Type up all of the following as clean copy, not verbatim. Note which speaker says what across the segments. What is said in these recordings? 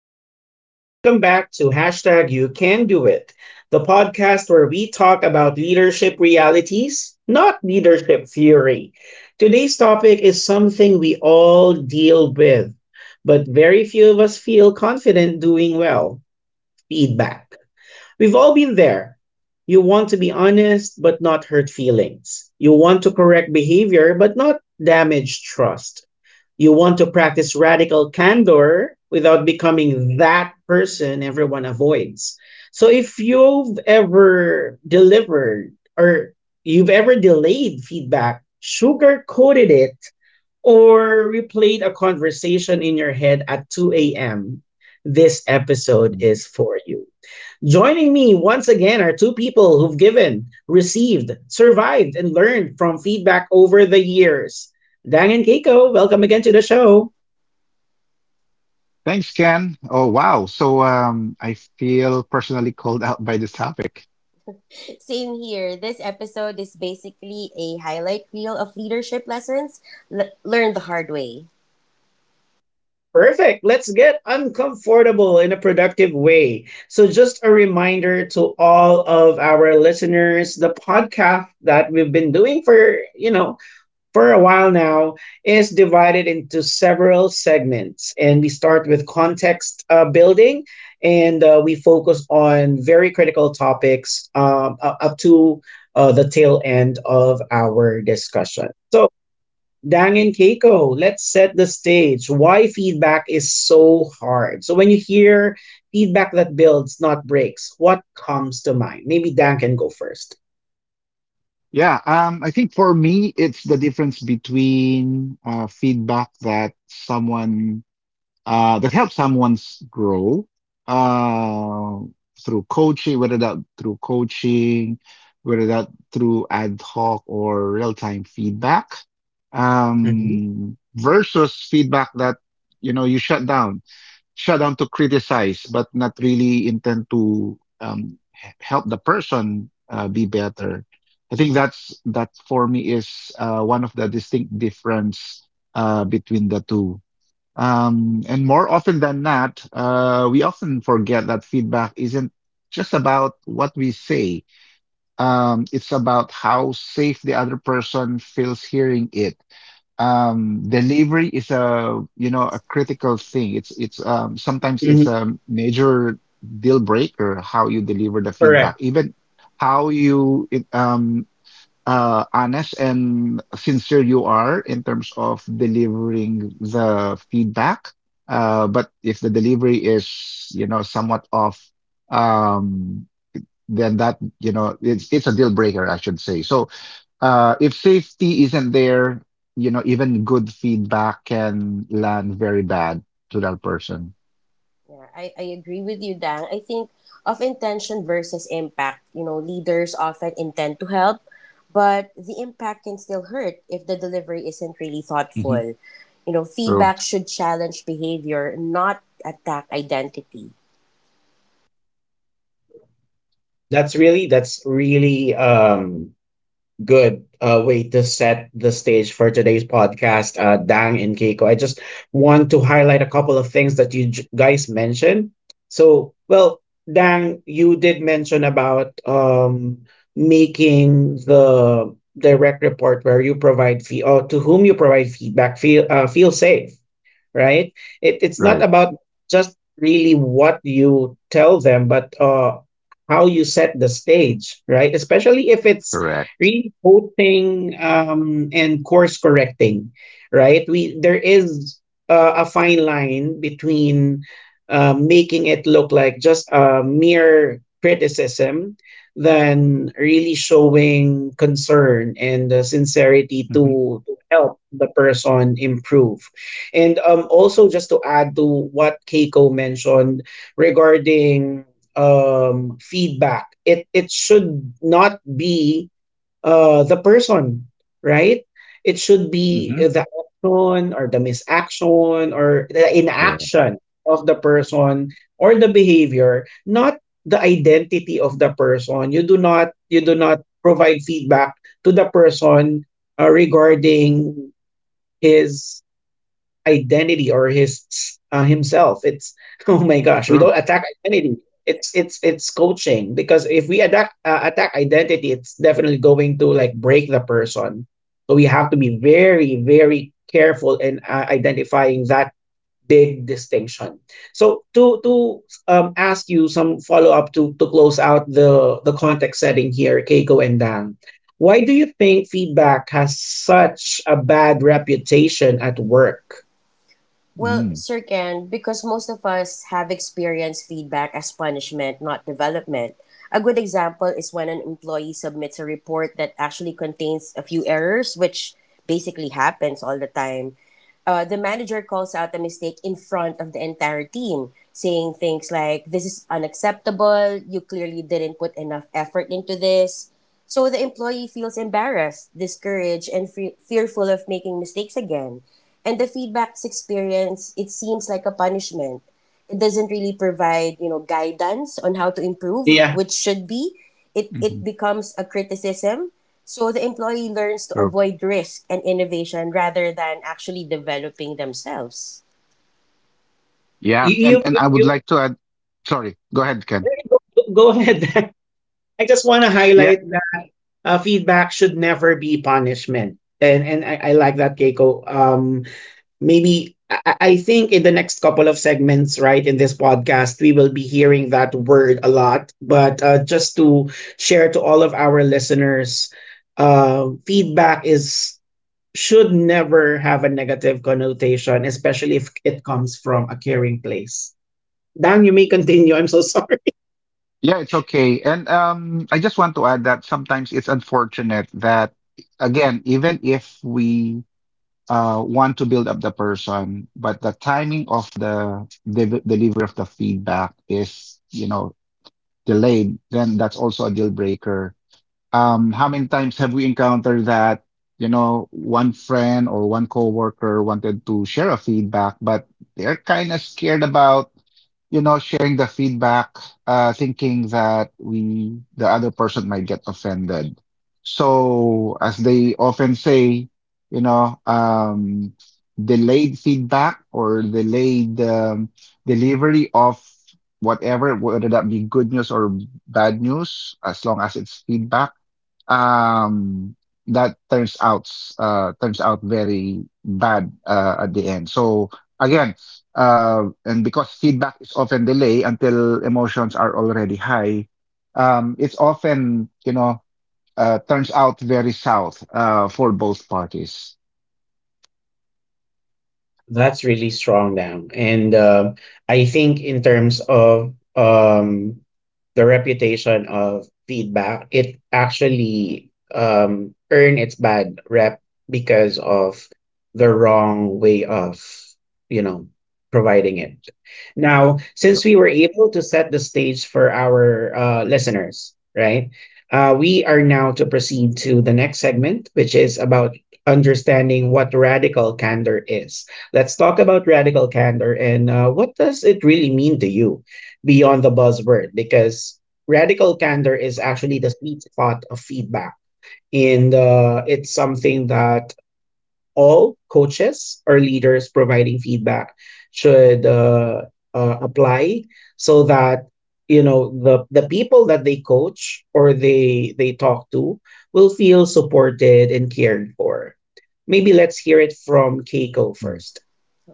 Speaker 1: everyone, and welcome back to hashtag You Can Do It, the podcast where we talk about leadership realities, not leadership theory. Today's topic is something we all deal with, but very few of us feel confident doing well feedback. We've all been there. You want to be honest, but not hurt feelings. You want to correct behavior, but not damage trust. You want to practice radical candor without becoming that person everyone avoids. So if you've ever delivered or you've ever delayed feedback, sugar coated it, or replayed a conversation in your head at 2 a.m., this episode is for you. Joining me once again are two people who've given, received, survived, and learned from feedback over the years. Dang and Keiko, welcome again to the show.
Speaker 2: Thanks, Ken. Oh, wow. So I feel personally called out by this topic.
Speaker 3: Same here. This episode is basically a highlight reel of leadership lessons learned the hard way.
Speaker 1: Perfect. Let's get uncomfortable in a productive way. So, just a reminder to all of our listeners, the podcast that we've been doing for, for a while now, is divided into several segments. And we start with context building, and we focus on very critical topics up to the tail end of our discussion. So, Dang and Keiko, let's set the stage. Why feedback is so hard. So when you hear feedback that builds, not breaks, what comes to mind? Maybe Dan can go first.
Speaker 2: Yeah, I think for me, it's the difference between feedback that helps someone's grow uh, through coaching, whether that through ad hoc or real-time feedback,
Speaker 1: Mhm.
Speaker 2: versus feedback that you shut down to criticize, but not really intend to help the person be better. I think that for me is one of the distinct difference between the two. And more often than not, we often forget that feedback isn't just about what we say. It's about how safe the other person feels hearing it. Delivery is a you know a critical thing. It's Sometimes
Speaker 1: Mhm.
Speaker 2: it's a major deal breaker how you deliver the feedback,
Speaker 1: Correct.
Speaker 2: even how you it, um honest and sincere you are in terms of delivering the feedback, but if the delivery is somewhat off, um then that it's a deal breaker, I should say. So, if safety isn't there, even good feedback can land very bad to that person.
Speaker 3: Yeah, I agree with you, Dang. I think of intention versus impact. You know, leaders often intend to help, but the impact can still hurt if the delivery isn't really
Speaker 2: Mm-hmm.
Speaker 3: thoughtful. You know,
Speaker 2: True.
Speaker 3: feedback should challenge behavior, not attack identity.
Speaker 1: That's really good way to set the stage for today's podcast, uh, Dang and Keiko. I just want to highlight a couple of things that you guys mentioned. So, well, Dang, you did mention about making the direct report where you provide fee or to whom you provide feedback feel feel safe, right? It's not
Speaker 2: Right.
Speaker 1: about just really what you tell them, but how you set the stage, right? Especially if it's
Speaker 2: Correct.
Speaker 1: really coaching and course correcting, right? We there is a fine line between making it look like just a mere criticism than really showing concern and sincerity
Speaker 2: Mm-hmm.
Speaker 1: to help the person improve. And also just to add to what Keiko mentioned regarding feedback, it should not be the person, right? It should be
Speaker 2: Mm-hmm.
Speaker 1: the action or the misaction or the
Speaker 2: Correct.
Speaker 1: inaction of the person or the behavior, not the identity of the person. You do not provide feedback to the person regarding his identity or his himself. It's oh my gosh, we
Speaker 2: True.
Speaker 1: don't attack identity. It's coaching, because if we attack attack identity, it's definitely going to like break the person. So we have to be very very careful in identifying that big distinction. So to ask you some follow up to close out the context setting here, Keiko and Dan. Why do you think feedback has such a bad reputation at work?
Speaker 3: Well,
Speaker 2: Mm-hmm.
Speaker 3: Sir Ken, because most of us have experienced feedback as punishment, not development. A good example is when an employee submits a report that actually contains a few errors, which basically happens all the time. The manager calls out the mistake in front of the entire team, saying things like, "This is unacceptable, you clearly didn't put enough effort into this." So the employee feels embarrassed, discouraged, and fearful of making mistakes again. And the feedback's experience, it seems like a punishment. It doesn't really provide, you know, guidance on how to improve,
Speaker 1: Yeah.
Speaker 3: which should be. It
Speaker 2: Mm-hmm.
Speaker 3: becomes a criticism. So the employee learns to
Speaker 2: True.
Speaker 3: avoid risk and innovation rather than actually developing themselves.
Speaker 2: Yeah.
Speaker 1: You
Speaker 2: And
Speaker 1: you
Speaker 2: I would
Speaker 1: you, you
Speaker 2: like to add. Sorry. Go ahead, Ken.
Speaker 1: no you go ahead. I just want to
Speaker 2: Yeah.
Speaker 1: highlight that feedback should never be punishment, and I like that, Keiko. Maybe I think in the next couple of segments, right, in this podcast, we will be hearing that word a lot. But just to share to all of our listeners, feedback is should never have a negative connotation, especially if it comes from a caring place. Dan, you may continue. I'm so sorry.
Speaker 2: Yeah. It's okay. And I just want to add that sometimes it's unfortunate that again, even if we want to build up the person, but the timing of the delivery of the feedback is, delayed, then that's also a deal breaker. How many times have we encountered that, one friend or one coworker wanted to share a feedback, but they're kind of scared about sharing the feedback, thinking that the other person might get offended. So, as they often say, you know, um, delayed feedback or delayed, delivery of whatever, whether that be good news or bad news, as long as it's feedback um that turns out very bad, at the end. So again, and because feedback is often delayed until emotions are already high, it's often, turns out very south, for both parties.
Speaker 1: That's really strong, Dam. And I think in terms of the reputation of feedback, it actually earned its bad rep because of the wrong way of, you know, providing it. Now,
Speaker 2: Yeah.
Speaker 1: since we were able to set the stage for our listeners, right? We are now to proceed to the next segment, which is about understanding what radical candor is. Let's talk about radical candor and what does it really mean to you, beyond the buzzword? Because radical candor is actually the sweet spot of feedback. And it's something that all coaches or leaders providing feedback should apply so that, you know, the people that they coach or they talk to will feel supported and cared for. Maybe let's hear it from Keiko first.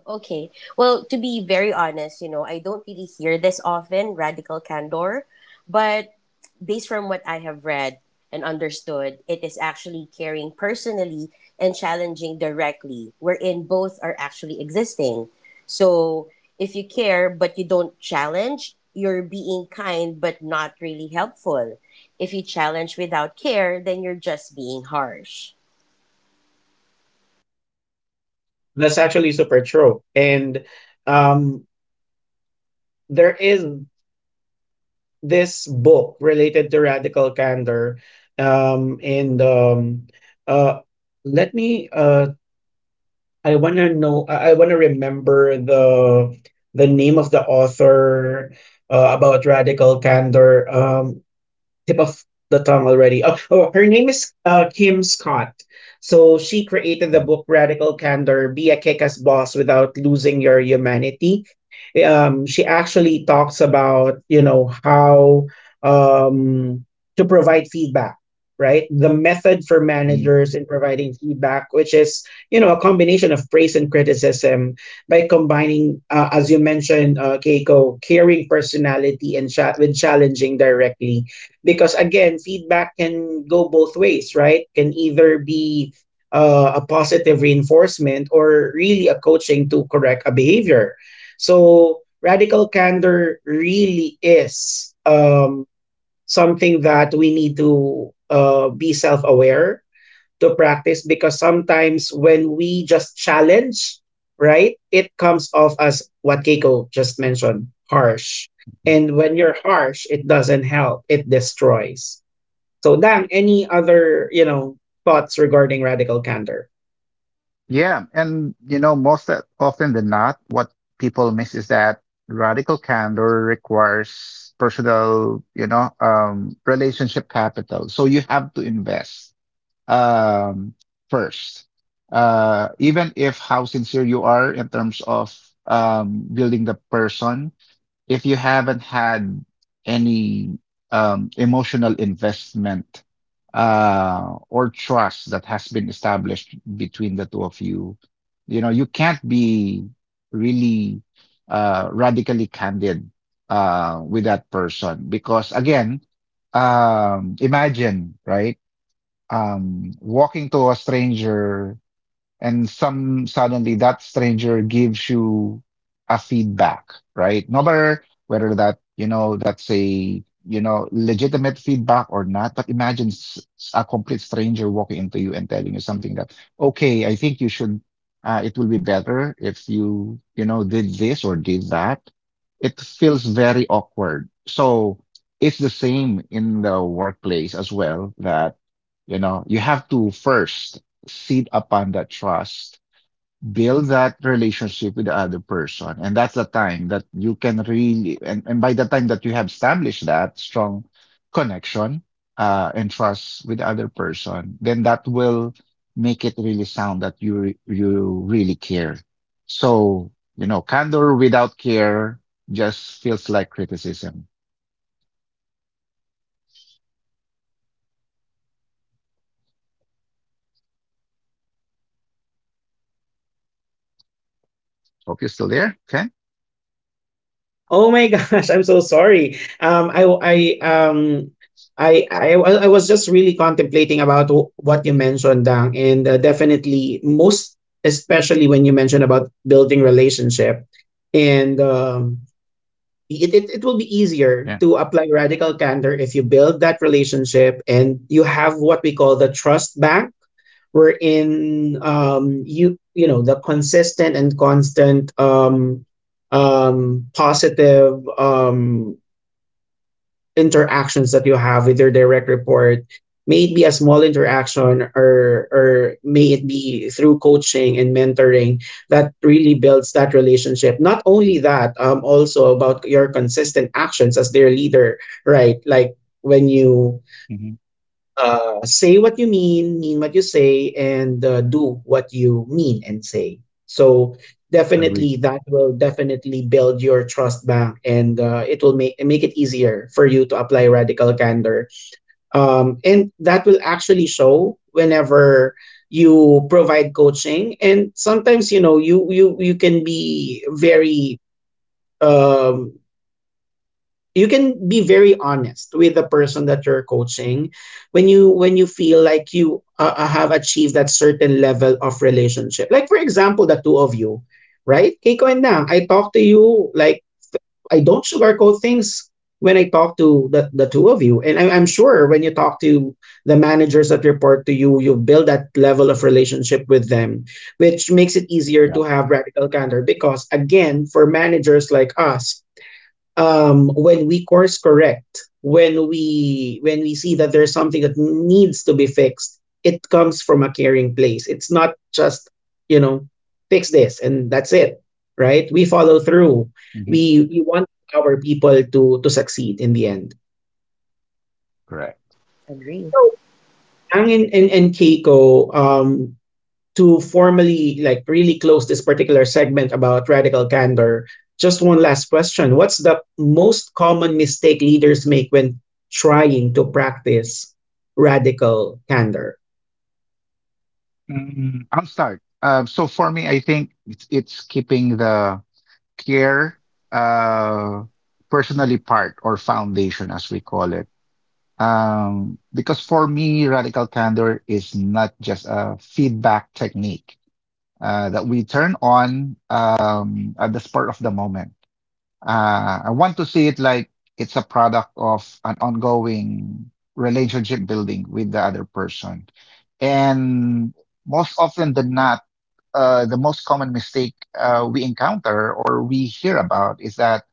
Speaker 3: Okay. Well, to be very honest, you know, I don't really hear this often, radical candor, but based from what I have read and understood, it is actually caring personally and challenging directly, wherein both are actually existing. So if you care but you don't challenge, you're being kind but not really helpful. If you challenge without care, then you're just being harsh.
Speaker 1: That's actually super true. And um there is this book related to radical candor. And uh Let me I want to know I, want to remember the name of the author about radical candor. Tip of the tongue already. Oh, oh, her name is Kim Scott. So she created the
Speaker 2: Mm,
Speaker 1: book Radical Candor: Be a Kick Ass Boss Without Losing Your Humanity. She actually talks about, you know, how um, to provide feedback, right? The method for
Speaker 2: mm.
Speaker 1: managers in providing feedback, which is, you know, a combination of praise and criticism by combining, as you mentioned, Keiko, caring personality and with challenging directly. Because again, feedback can go both ways, right? Can either be a positive reinforcement or really a coaching to correct a behavior. So radical candor really is something that we need to be self-aware to practice. Because sometimes when we just challenge, right, it comes off as what Keiko just mentioned, harsh. And when you're harsh, it doesn't help, it destroys. So, Dang, any other, you know, thoughts regarding radical candor?
Speaker 2: Yeah, and most often than not, what people miss is that radical candor requires personal, relationship capital. So you have to invest, um, first, even if how sincere you are in terms of, building the person if you haven't had any, emotional investment, or trust that has been established between the two of you, you can't be really, radically candid, with that person because, again, imagine, right? Walking to a stranger and some suddenly that stranger gives you a feedback, right? No matter whether that, that's a, legitimate feedback or not, but imagine a complete stranger walking into you and telling you something that, okay, I think you should, it will be better if you, did this or did that. It feels very awkward. So it's the same in the workplace as well that, you have to first feed upon that trust, build that relationship with the other person. And that's the time that you can really, and by the time that you have established that strong connection, and trust with the other person, then that will make it really sound that you really care. So, candor without care just feels like criticism. Hope you're still there. Okay.
Speaker 1: Oh my gosh, I'm so sorry. Um I was just really contemplating about what you mentioned, Dang. And definitely, most especially when you mentioned about building relationship. And it will be easier
Speaker 2: Yeah.
Speaker 1: to apply radical candor if you build that relationship and you have what we call the trust bank, wherein, you you know, the consistent and constant positive interactions that you have with your direct report, may it be a small interaction or may it be through coaching and mentoring, that really builds that relationship. Not only that, also about your consistent actions as their leader, right? Like when you
Speaker 2: Hmm.
Speaker 1: say what you mean what you say, and do what you mean and say. So
Speaker 2: Agree.
Speaker 1: definitely, that will definitely build your trust back, and it will make it easier for you to apply radical candor. And that will actually show whenever you provide coaching. And sometimes, you know, you can be very um you can be very honest with the person that you're coaching, when you feel like you have achieved that certain level of relationship. Like for example, the two of you, right, Keiko and Nang? I talk to you like, I don't sugarcoat things when I talk to the two of you. And I'm sure when you talk to the managers that report to you, you build that level of relationship with them, which makes it easier
Speaker 2: Yeah.
Speaker 1: to have radical candor. Because again, for managers like us, when we course correct, when we see that there's something that needs to be fixed, it comes from a caring place. It's not just, you know, fix this and that's it, right? We follow through.
Speaker 2: Hmm.
Speaker 1: We want our people to succeed in the end.
Speaker 2: Correct.
Speaker 3: Agree.
Speaker 1: So, ang and Keiko, to formally, like, really close this particular segment about radical candor, just one last question. What's the most common mistake leaders make when trying to practice radical candor?
Speaker 2: Mm, I'll start. So for me, I think it's keeping the care, uh, personally part or foundation, as we call it. Because for me, radical candor is not just a feedback technique that we turn on, at the spur of the moment. I want to see it like it's a product of an ongoing relationship building with the other person. And most often than not, the most common mistake, we encounter or we hear about is that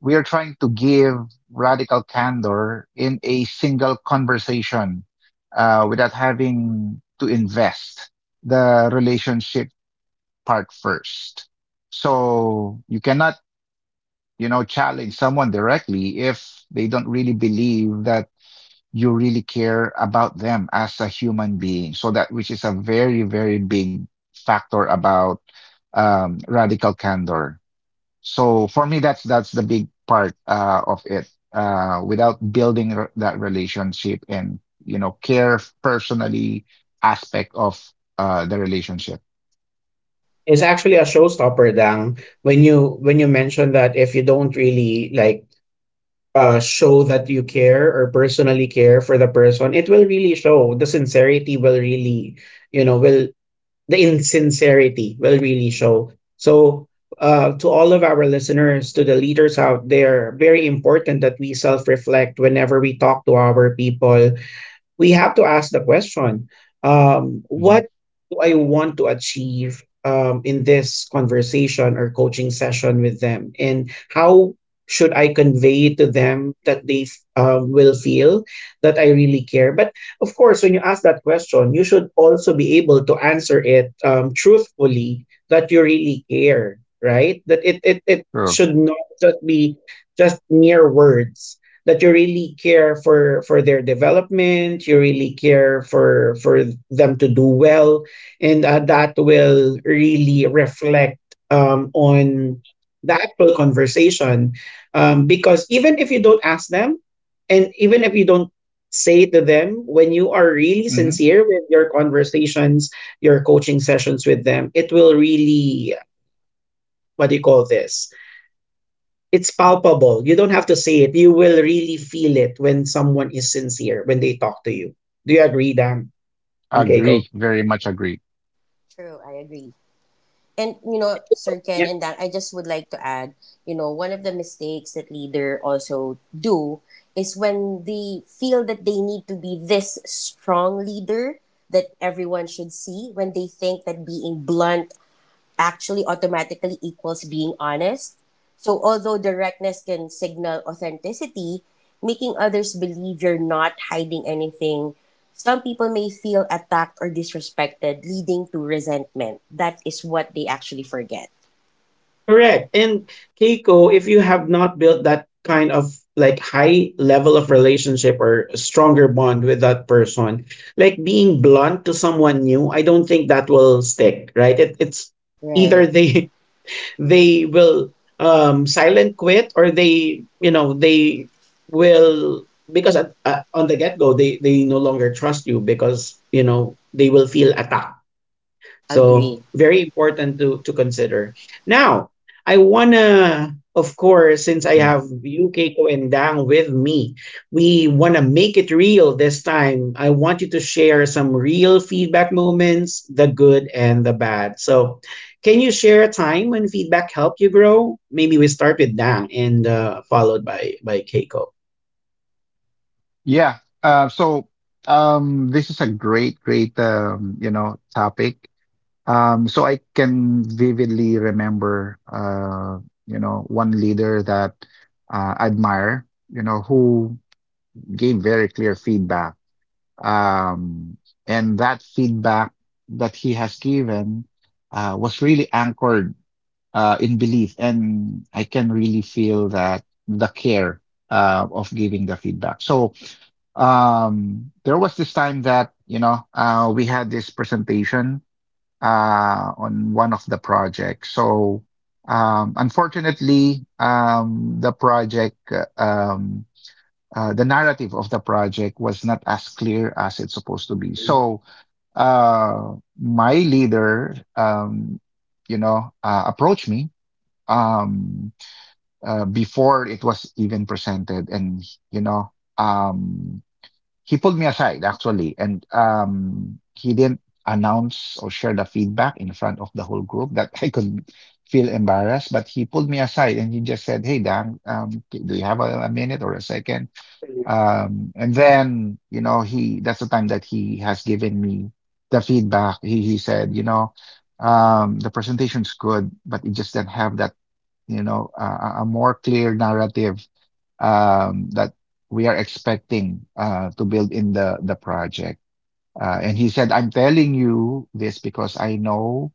Speaker 2: we are trying to give radical candor in a single conversation, without having to invest the relationship part first. So you cannot, challenge someone directly if they don't really believe that you really care about them as a human being. So that which is a very, very big factor about, radical candor. So for me, that's the big part, of it. Without building that relationship and care personally aspect of, the relationship.
Speaker 1: It's actually a showstopper, Dang. When you mention that if you don't really like show that you care or personally care for the person, it will really show. The sincerity will really, you know, will the insincerity will really show. So, to all of our listeners, to the leaders out there, very important that we self reflect. Whenever we talk to our people, we have to ask the question,
Speaker 2: Hmm.
Speaker 1: what do I want to achieve in this conversation or coaching session with them, and how should I convey to them that they will feel that I really care? But of course, when you ask that question, you should also be able to answer it truthfully, that you really care, right? That it it
Speaker 2: True.
Speaker 1: should not just be just mere words. That you really care for their development, you really care for them to do well. And that will really reflect on the actual conversation. Because even if you don't ask them and even if you don't say to them, when you are really
Speaker 2: Hmm.
Speaker 1: sincere with your conversations, your coaching sessions with them, it will really, what do you call this, it's palpable. You don't have to say it. You will really feel it when someone is sincere when they talk to you. Do you agree, Dan and Keiko?
Speaker 2: Agree. Very much agree.
Speaker 3: True, I agree. And you know, Sir Ken
Speaker 1: Yeah,
Speaker 3: and Dan, I just would like to add, you know, one of the mistakes that leader also do is when they feel that they need to be this strong leader that everyone should see, when they think that being blunt actually automatically equals being honest. So, although directness can signal authenticity, making others believe you're not hiding anything, some people may feel attacked or disrespected, leading to resentment. That is what they actually forget.
Speaker 1: correct. And Keiko, if you have not built that kind of like high level of relationship or stronger bond with that person, like being blunt to someone new, I don't think that will stick, right? It's either
Speaker 3: Right.
Speaker 1: they they will silent quit, or they, they will because on the get go they no longer trust you because you know they will feel attacked, so
Speaker 3: Agree.
Speaker 1: very important to consider. Now, I wanna, of course, since I
Speaker 2: Mm-hmm.
Speaker 1: have you, Keiko, and Dang with me, we wanna make it real this time. I want you to share some real feedback moments, the good and the bad. So, can you share a time when feedback helped you grow? Maybe we start with Dang and followed by Keiko.
Speaker 2: Yeah. So, this is a great, great, topic. So I can vividly remember, one leader that, I admire, who gave very clear feedback. Um, and that feedback that he has given was really anchored in belief, and I can really feel that the care of giving the feedback. So, there was this time that, we had this presentation on one of the projects. So, unfortunately, the narrative of the project was not as clear as it's supposed to be. So, uh, my leader, approached me, um, before it was even presented, and you know. Um, he pulled me aside actually, and he didn't announce or share the feedback in front of the whole group that I could feel embarrassed, but he pulled me aside and he just said, "Hey, Dan, do you have a minute or a second?" And then, you know he that's the time that he has given me the feedback. He said, the presentation's good, but it just didn't have that, a more clear narrative, that we are expecting to build in the project. And he said, I'm telling you this because I know,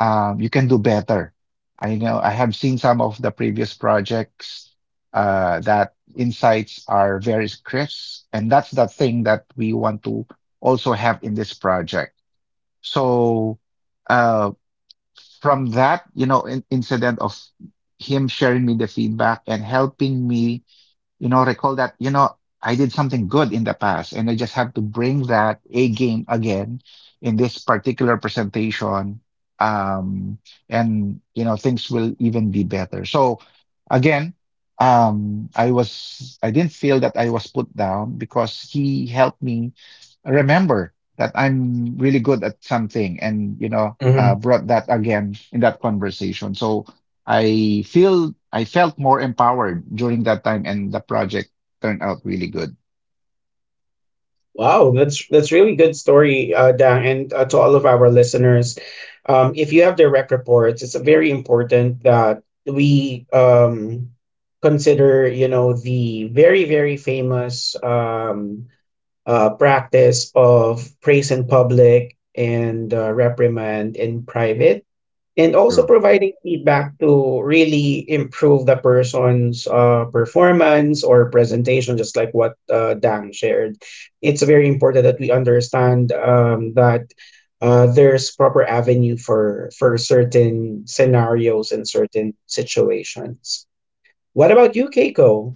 Speaker 2: you can do better. I know I have seen some of the previous projects that insights are very crisp, and that's the thing that we want to also have in this project. So, uh, from that, in incident of him sharing me the feedback and helping me, recall that, I did something good in the past and I just have to bring that A game again in this particular presentation. Um, and, things will even be better. So again, I didn't feel that I was put down because he helped me remember that I'm really good at something and, brought that again in that conversation. So, I felt more empowered during that time, and the project turned out really good.
Speaker 1: Wow, that's really good story, Dan, and to all of our listeners. If you have direct reports, it's very important that we consider, you know, the very famous practice of praise in public and reprimand in private, and also
Speaker 2: True.
Speaker 1: providing feedback to really improve the person's performance or presentation, just like what Dan shared. It's very important that we understand that there's proper avenue for certain scenarios and certain situations. What about you, Keiko?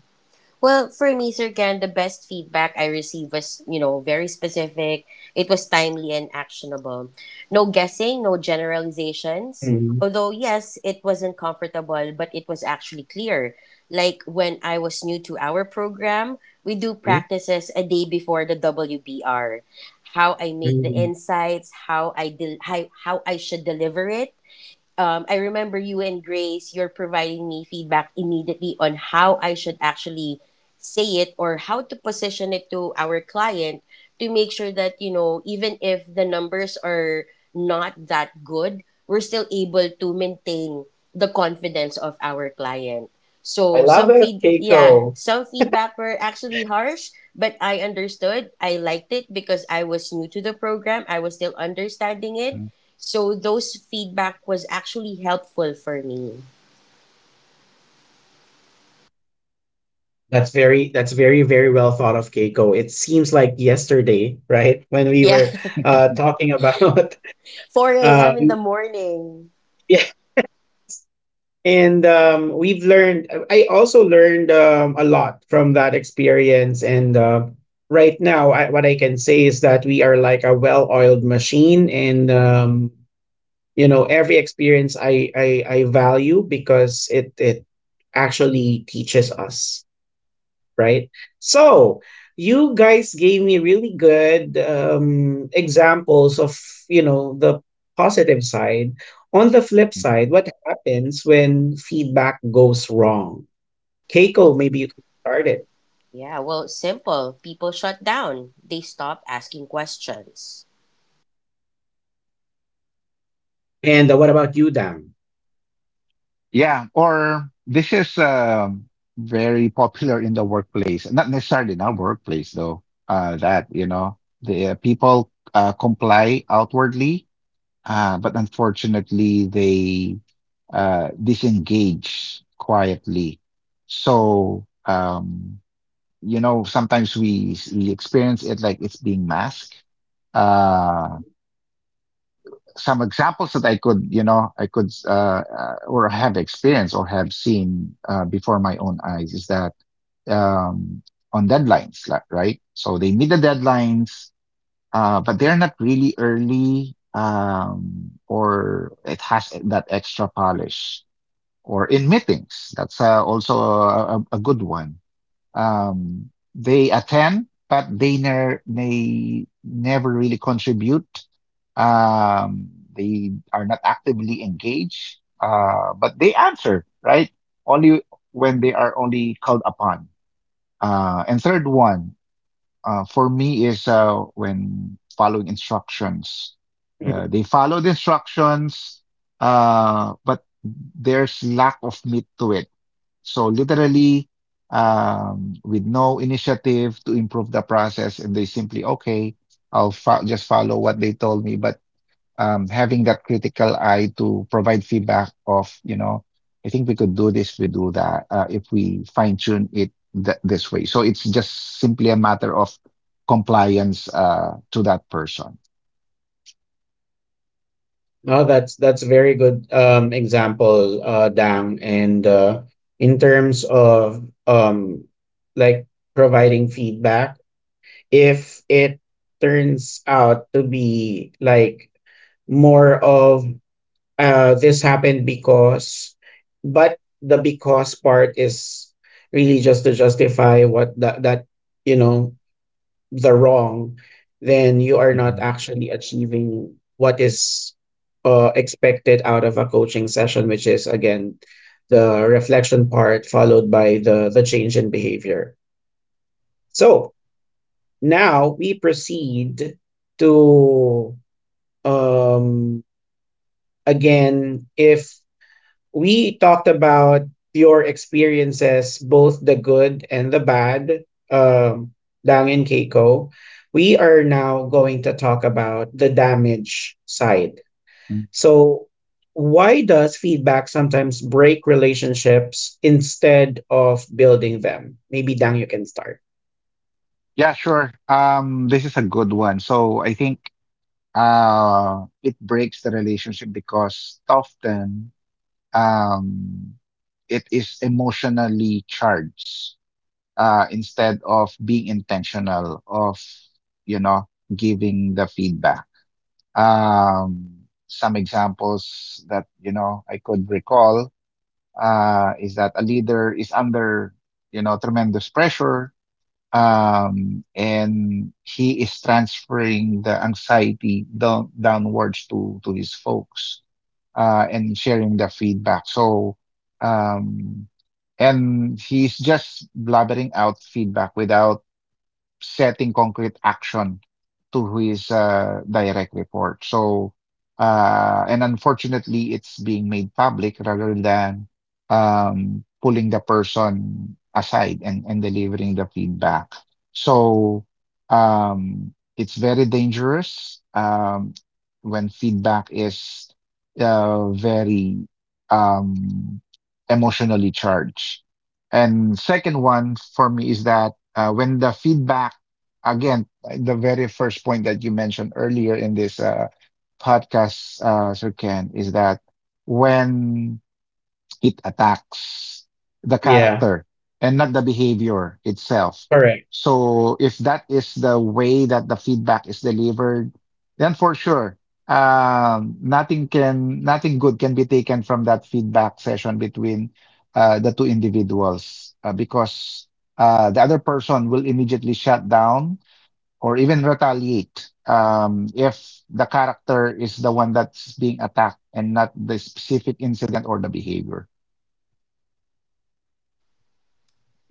Speaker 3: Well, for me, Sir Gan, the best feedback I received was, you know, very specific. It was timely and actionable. No guessing, no generalizations.
Speaker 1: Mhm.
Speaker 3: Although, yes, it wasn't comfortable, but it was actually clear. Like when I was new to our program, we do
Speaker 1: Mhm.
Speaker 3: practices a day before the WBR. How I make the
Speaker 1: Mhm.
Speaker 3: insights, how I should deliver it, I remember you and Grace, you're providing me feedback immediately on how I should actually say it or how to position it to our client to make sure that, you know, even if the numbers are not that good, we're still able to maintain the confidence of our client.
Speaker 1: I
Speaker 3: So
Speaker 1: love it, Keiko.
Speaker 3: yeah, some feedback were actually harsh, but I understood. I liked it because I was new to the program. I was still understanding it. So those feedback was actually helpful for me.
Speaker 1: That's very very well thought of, Keiko. It seems like yesterday, right, when we
Speaker 3: Yeah.
Speaker 1: were
Speaker 2: Mhm.
Speaker 1: talking about
Speaker 3: 4
Speaker 1: uh,
Speaker 3: a.m. in the morning.
Speaker 1: yeah, and we've learned. I also learned a lot from that experience, and right now, what I can say is that we are like a well-oiled machine, and you know, every experience I value because it actually teaches us, right? So you guys gave me really good examples of you know the positive side. On the flip side, what happens when feedback goes wrong? Keiko,
Speaker 3: Well,
Speaker 1: maybe you could start it.
Speaker 3: yeah, well, simple. People shut down. They stopped asking questions.
Speaker 1: And what about you, Dam?
Speaker 2: Yeah, or this is, very popular in the workplace, not necessarily in our workplace though. That the people comply outwardly, but unfortunately they disengage quietly. So, sometimes we experience it like it's being masked. uh some examples that I could or have experienced or have seen, before my own eyes is that um on deadlines, like, right, so they meet the deadlines, but they're not really early, or it has that extra polish. Or in meetings, that's, also a good one. um, they attend, but they never really contribute. Um, they are not actively engaged, but they answer, right? Only when they are only called upon. And third one, for me is when following instructions.
Speaker 1: Mhm.
Speaker 2: They follow the instructions, but there's lack of meat to it. So literally, with no initiative to improve the process, and they simply, okay, I'll just follow what they told me. But, having that critical eye to provide feedback of, I think we could do this, we do that, if we fine tune it th this way. So it's just simply a matter of compliance, to that person.
Speaker 1: No, that's a very good example, Dam. And in terms of um, like providing feedback, if it turns out to be like more of uh, this happened because, but the because part is really just to justify what that you know the wrong, then you are not
Speaker 2: Mhm.
Speaker 1: actually achieving what is uh, expected out of a coaching session, which is again the reflection part followed by the change in behavior. So now we proceed to um, again, if we talked about your experiences, both the good and the bad, Dang and Keiko, we are now going to talk about the damage side.
Speaker 2: Mm.
Speaker 1: So why does feedback sometimes break relationships instead of building them? Maybe Dang, you can start.
Speaker 2: Yeah, sure. This is a good one. So I think, it breaks the relationship because often, um, it is emotionally charged, instead of being intentional of you know giving the feedback. Um, some examples that I could recall, is that a leader is under tremendous pressure, and he is transferring the anxiety downwards to his folks, and sharing the feedback. So, um, and he's just blabbering out feedback without setting concrete action to his, direct report. And unfortunately, it's being made public rather than pulling the person aside and delivering the feedback. So, it's very dangerous when feedback is very um, emotionally charged. And second one for me is that when the feedback, again, the very first point that you mentioned earlier in this podcast, Sir Ken, is that when it attacks the
Speaker 1: Yeah,
Speaker 2: character and not the behavior itself.
Speaker 1: correct.
Speaker 2: So if that is the way that the feedback is delivered, then for sure, nothing good can be taken from that feedback session between the two individuals, because the other person will immediately shut down or even retaliate if the character is the one that's being attacked and not the specific incident or the behavior.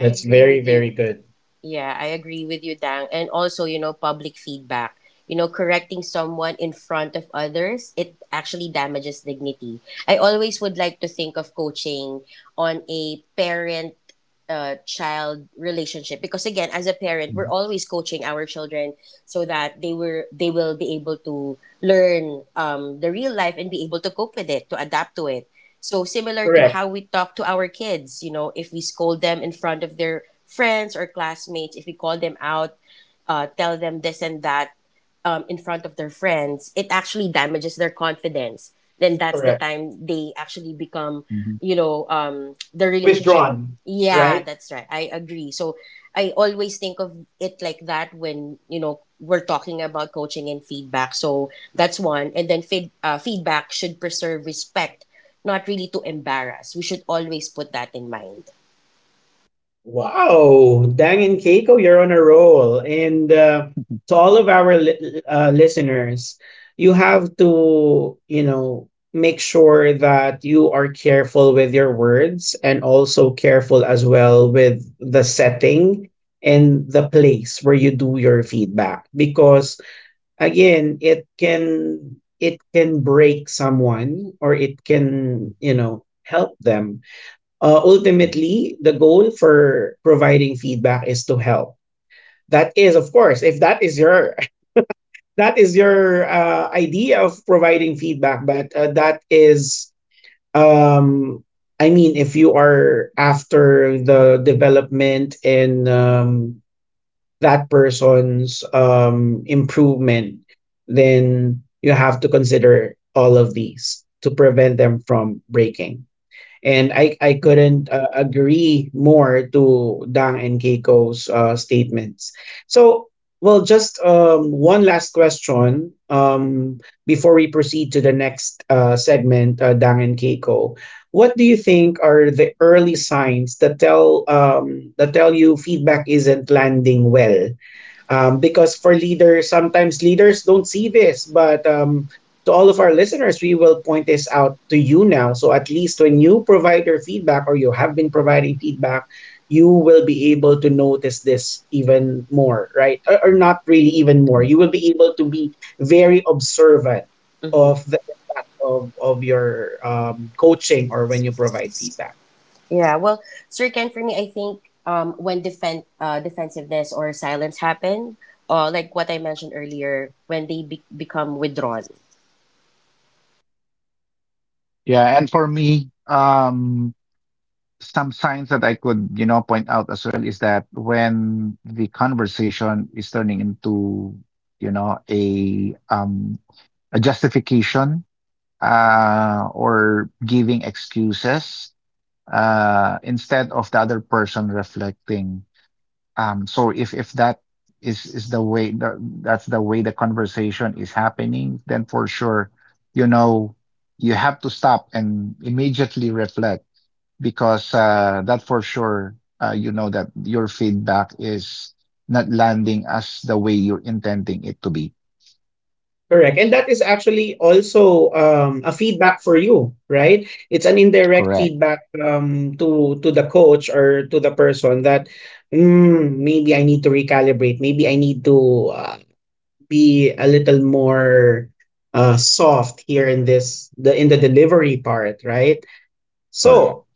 Speaker 3: I agree
Speaker 1: very,
Speaker 3: with
Speaker 1: very
Speaker 3: you.
Speaker 1: good.
Speaker 3: Yeah, I agree with you, Dang. And also, you know, public feedback. You know, correcting someone in front of others, it actually damages dignity. I always would like to think of coaching on a parent child relationship, because again, as a parent, we're
Speaker 2: Mhm,
Speaker 3: always coaching our children so that they will be able to learn the real life and be able to cope with it, to adapt to it. So similar to
Speaker 1: Correct,
Speaker 3: how we talk to our kids, you know, if we scold them in front of their friends or classmates, if we call them out, tell them this and that in front of their friends, it actually damages their confidence. Then that's the
Speaker 1: correct.
Speaker 3: time they actually become,
Speaker 2: mhm.
Speaker 3: you know, the relationship.
Speaker 1: Withdrawn,
Speaker 3: Yeah,
Speaker 1: right?
Speaker 3: that's right. I agree. So I always think of it like that when, you know, we're talking about coaching and feedback. So that's one. And then feedback should preserve respect, not really to embarrass. We should always put that in mind.
Speaker 1: Wow, Dang and Keiko, you're on a roll. And to all of our listeners, you have to, you know, make sure that you are careful with your words and also careful as well with the setting and the place where you do your feedback, because again, it can break someone, or it can, you know, help them ultimately, the goal for providing feedback is to help. That is, of course, if that is your that is your idea of providing feedback, but that is, um, I mean, if you are after the development in that person's improvement, then you have to consider all of these to prevent them from breaking. And I couldn't agree more to Dang and Keiko's statements. So, well, just one last question before we proceed to the next segment, Dang and Keiko. What do you think are the early signs that tell you feedback isn't landing well? Because for leaders, sometimes leaders don't see this, but to all of our listeners, we will point this out to you now. So at least when you provide your feedback, or you have been providing feedback, you will be able to notice this even more, right? Or not really even more.
Speaker 2: Mm.
Speaker 1: You will be able to be very observant
Speaker 3: Mhm.
Speaker 1: of the that of your coaching, or when you provide CSAC?
Speaker 3: Yeah, well, Srikan, for me, I think when defensiveness or silence happen, like what I mentioned earlier, when they become withdrawn.
Speaker 2: Yeah, and for me, some signs that I could, you know, point out as well is that when the conversation is turning into, you know, a a justification or giving excuses, instead of the other person reflecting. So if that is the way that's the way the conversation is happening, then for sure, you know, you have to stop and immediately reflect because that for sure, you know that your feedback is not landing as the way you're intending it to be.
Speaker 1: Correct. And that is actually also a feedback for you, right? It's an indirect
Speaker 2: Correct.
Speaker 1: feedback to the coach or to the person that mm, maybe I need to recalibrate. Maybe I need to uh, be a little more soft here in this the in the delivery part, right?
Speaker 2: Correct.
Speaker 1: So,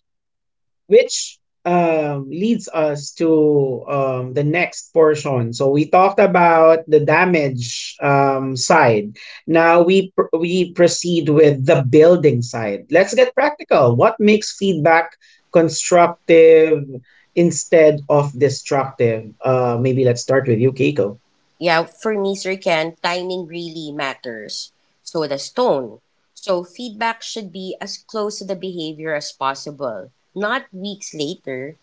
Speaker 1: which leads us to the next portion. So we talked about the damage side. Now we we proceed with the building side. Let's get practical. What makes feedback constructive instead of destructive? Maybe let's start with you, Keiko.
Speaker 3: Yeah, for me, Srikan, timing really matters. So does tone. So feedback should be as close to the behavior as possible, not weeks later,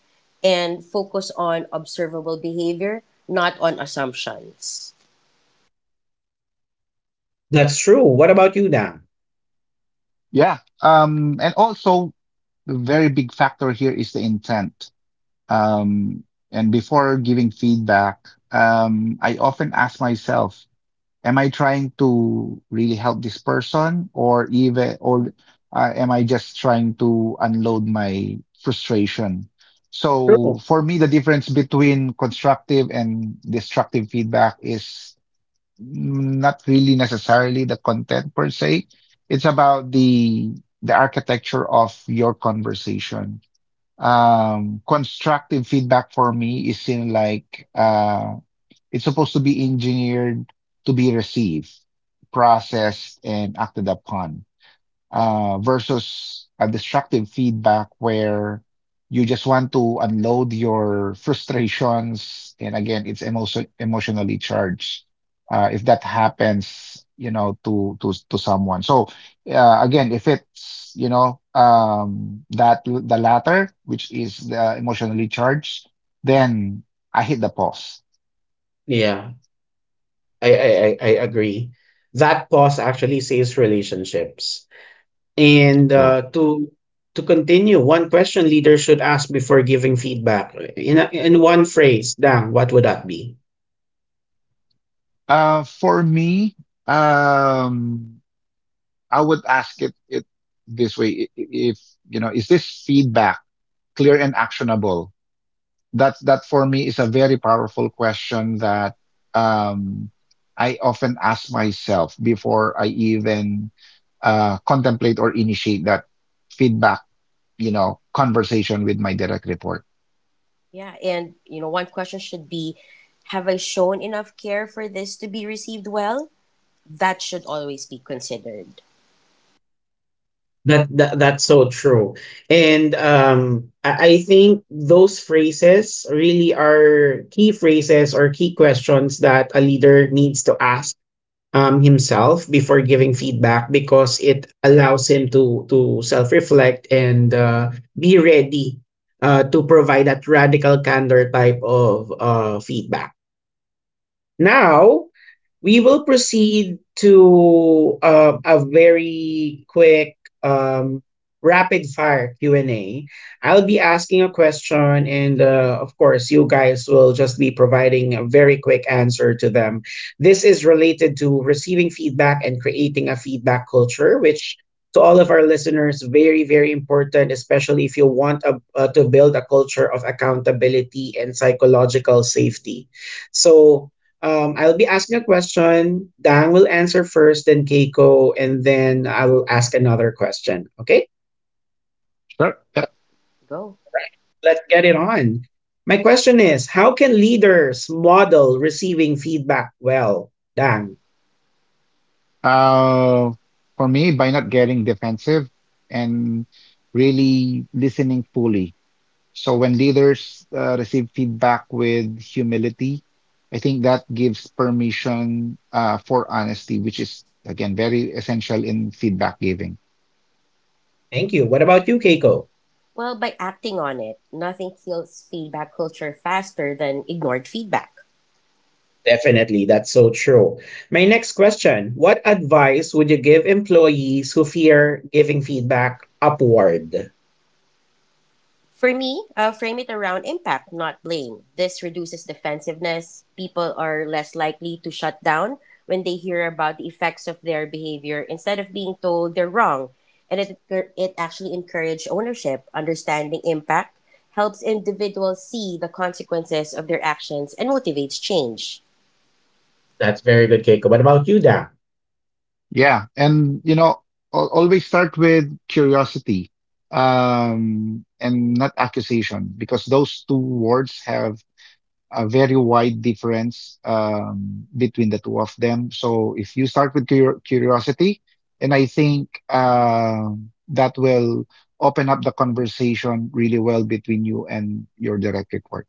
Speaker 3: and focus on observable behavior, not on assumptions.
Speaker 1: That's true. What about you, Dan?
Speaker 2: Yeah. And also, the very big factor here is the intent. Um, and before giving feedback, I often ask myself, am I trying to really help this person or am I just trying to unload my frustration? So
Speaker 1: True.
Speaker 2: for me, the difference between constructive and destructive feedback is not really necessarily the content per se. It's about the architecture of your conversation. Constructive feedback for me is in like it's supposed to be engineered to be received, processed, and acted upon, versus a destructive feedback where you just want to unload your frustrations. And again, it's emotionally charged. If that happens, you know, to someone. So again, if it's, you know, that the latter, which is the emotionally charged, then I hit the pause.
Speaker 1: Yeah, I agree. That pause actually saves relationships. And
Speaker 2: True.
Speaker 1: to continue, one question leaders should ask before giving feedback in a, in one phrase. Dang, what would that be?
Speaker 2: For me, um, I would ask it this way: if you know, is this feedback clear and actionable? That for me is a very powerful question that um, I often ask myself before I even contemplate or initiate that feedback, you know, conversation with my direct report.
Speaker 3: Yeah, and you know, one question should be, have I shown enough care for this to be received well? That should always be considered.
Speaker 1: That, that's so true. And I think those phrases really are key phrases or key questions that a leader needs to ask himself before giving feedback, because it allows him to self-reflect and be ready to provide that radical candor type of feedback. Now, we will proceed to a very quick rapid fire Q and A. Will be asking a question, and of course you guys will just be providing a very quick answer to them. This is related to receiving feedback and creating a feedback culture, which to all of our listeners very very important, especially if you want to build a culture of accountability and psychological safety. So I'll be asking a question. Dang will answer first, then Keiko, and then I will ask another question. Okay,
Speaker 2: Sure. Yep.
Speaker 3: Go.
Speaker 1: let's get it on. My question is: how can leaders model receiving feedback well? Dang.
Speaker 2: Uh, for me, by not getting defensive and really listening fully. So when leaders receive feedback with humility, I think that gives permission for honesty, which is again very essential in feedback giving.
Speaker 1: Thank you. What about you, Keiko?
Speaker 3: Well, by acting on it, nothing kills feedback culture faster than ignored feedback.
Speaker 1: Definitely, that's so true. My next question: what advice would you give employees who fear giving feedback upward?
Speaker 3: For me, frame it around impact, not blame. This reduces defensiveness. People are less likely to shut down when they hear about the effects of their behavior instead of being told they're wrong. And it actually encourages ownership. Understanding impact helps individuals see the consequences of their actions and motivates change.
Speaker 1: That's very good, Keiko. What about you, Dang?
Speaker 2: Yeah, and you know, always start with curiosity, and not accusation, because those two words have a very wide difference between the two of them. So if you start with curiosity, and I think that will open up the conversation really well between you and your direct report.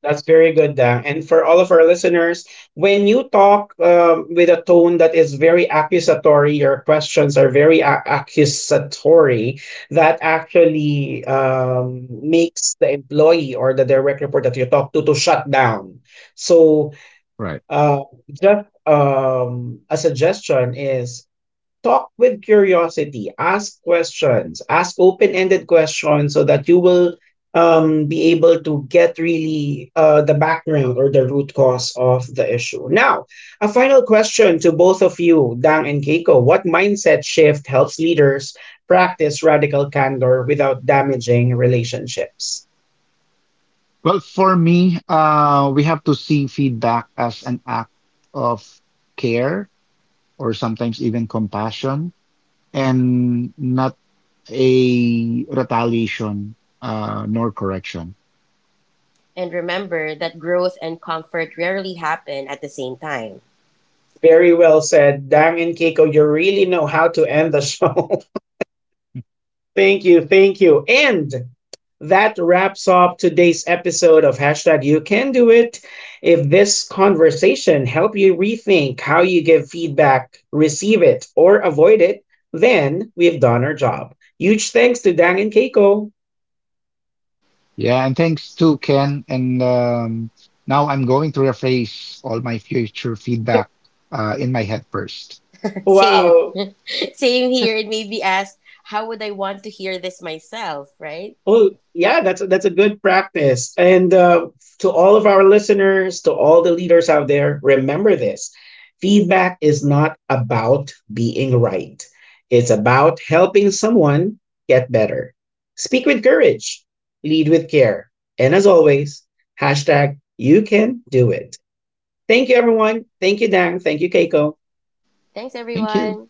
Speaker 1: That's very good, Dan. And for all of our listeners, when you talk with a tone that is very accusatory, your questions are very accusatory, that actually makes the employee or the direct report that you talk to shut down. So, just a suggestion is talk with curiosity, ask questions, ask open ended questions so that you will be able to get really the background or the root cause of the issue. Now, a final question to both of you, Dang and Keiko. What mindset shift helps leaders practice radical candor without damaging relationships?
Speaker 2: Well, for me, we have to see feedback as an act of care or sometimes even compassion, and not a retaliation, nor correction.
Speaker 3: And remember that growth and comfort rarely happen at the same time.
Speaker 1: Very well said, Dang and Keiko. You really know how to end the show. Thank you. Thank you. And that wraps up today's episode of hashtag you can do it. If this conversation helped you rethink how you give feedback, receive it, or avoid it, then we've done our job. Huge thanks to Dang and Keiko.
Speaker 2: Yeah, and thanks to Ken. And now I'm going to rephrase all my future feedback in my head first.
Speaker 3: Same,
Speaker 1: Wow.
Speaker 3: same here. It may be asked, how would I want to hear this myself, right?
Speaker 1: Well, yeah, that's a good practice. And to all of our listeners, to all the leaders out there, remember this: feedback is not about being right. It's about helping someone get better. Speak with courage, lead with care, and as always, hashtag you can do it. Thank you, everyone. Thank you, Dan. Thank you, Keiko.
Speaker 3: Thanks,
Speaker 2: Thank you.
Speaker 3: everyone.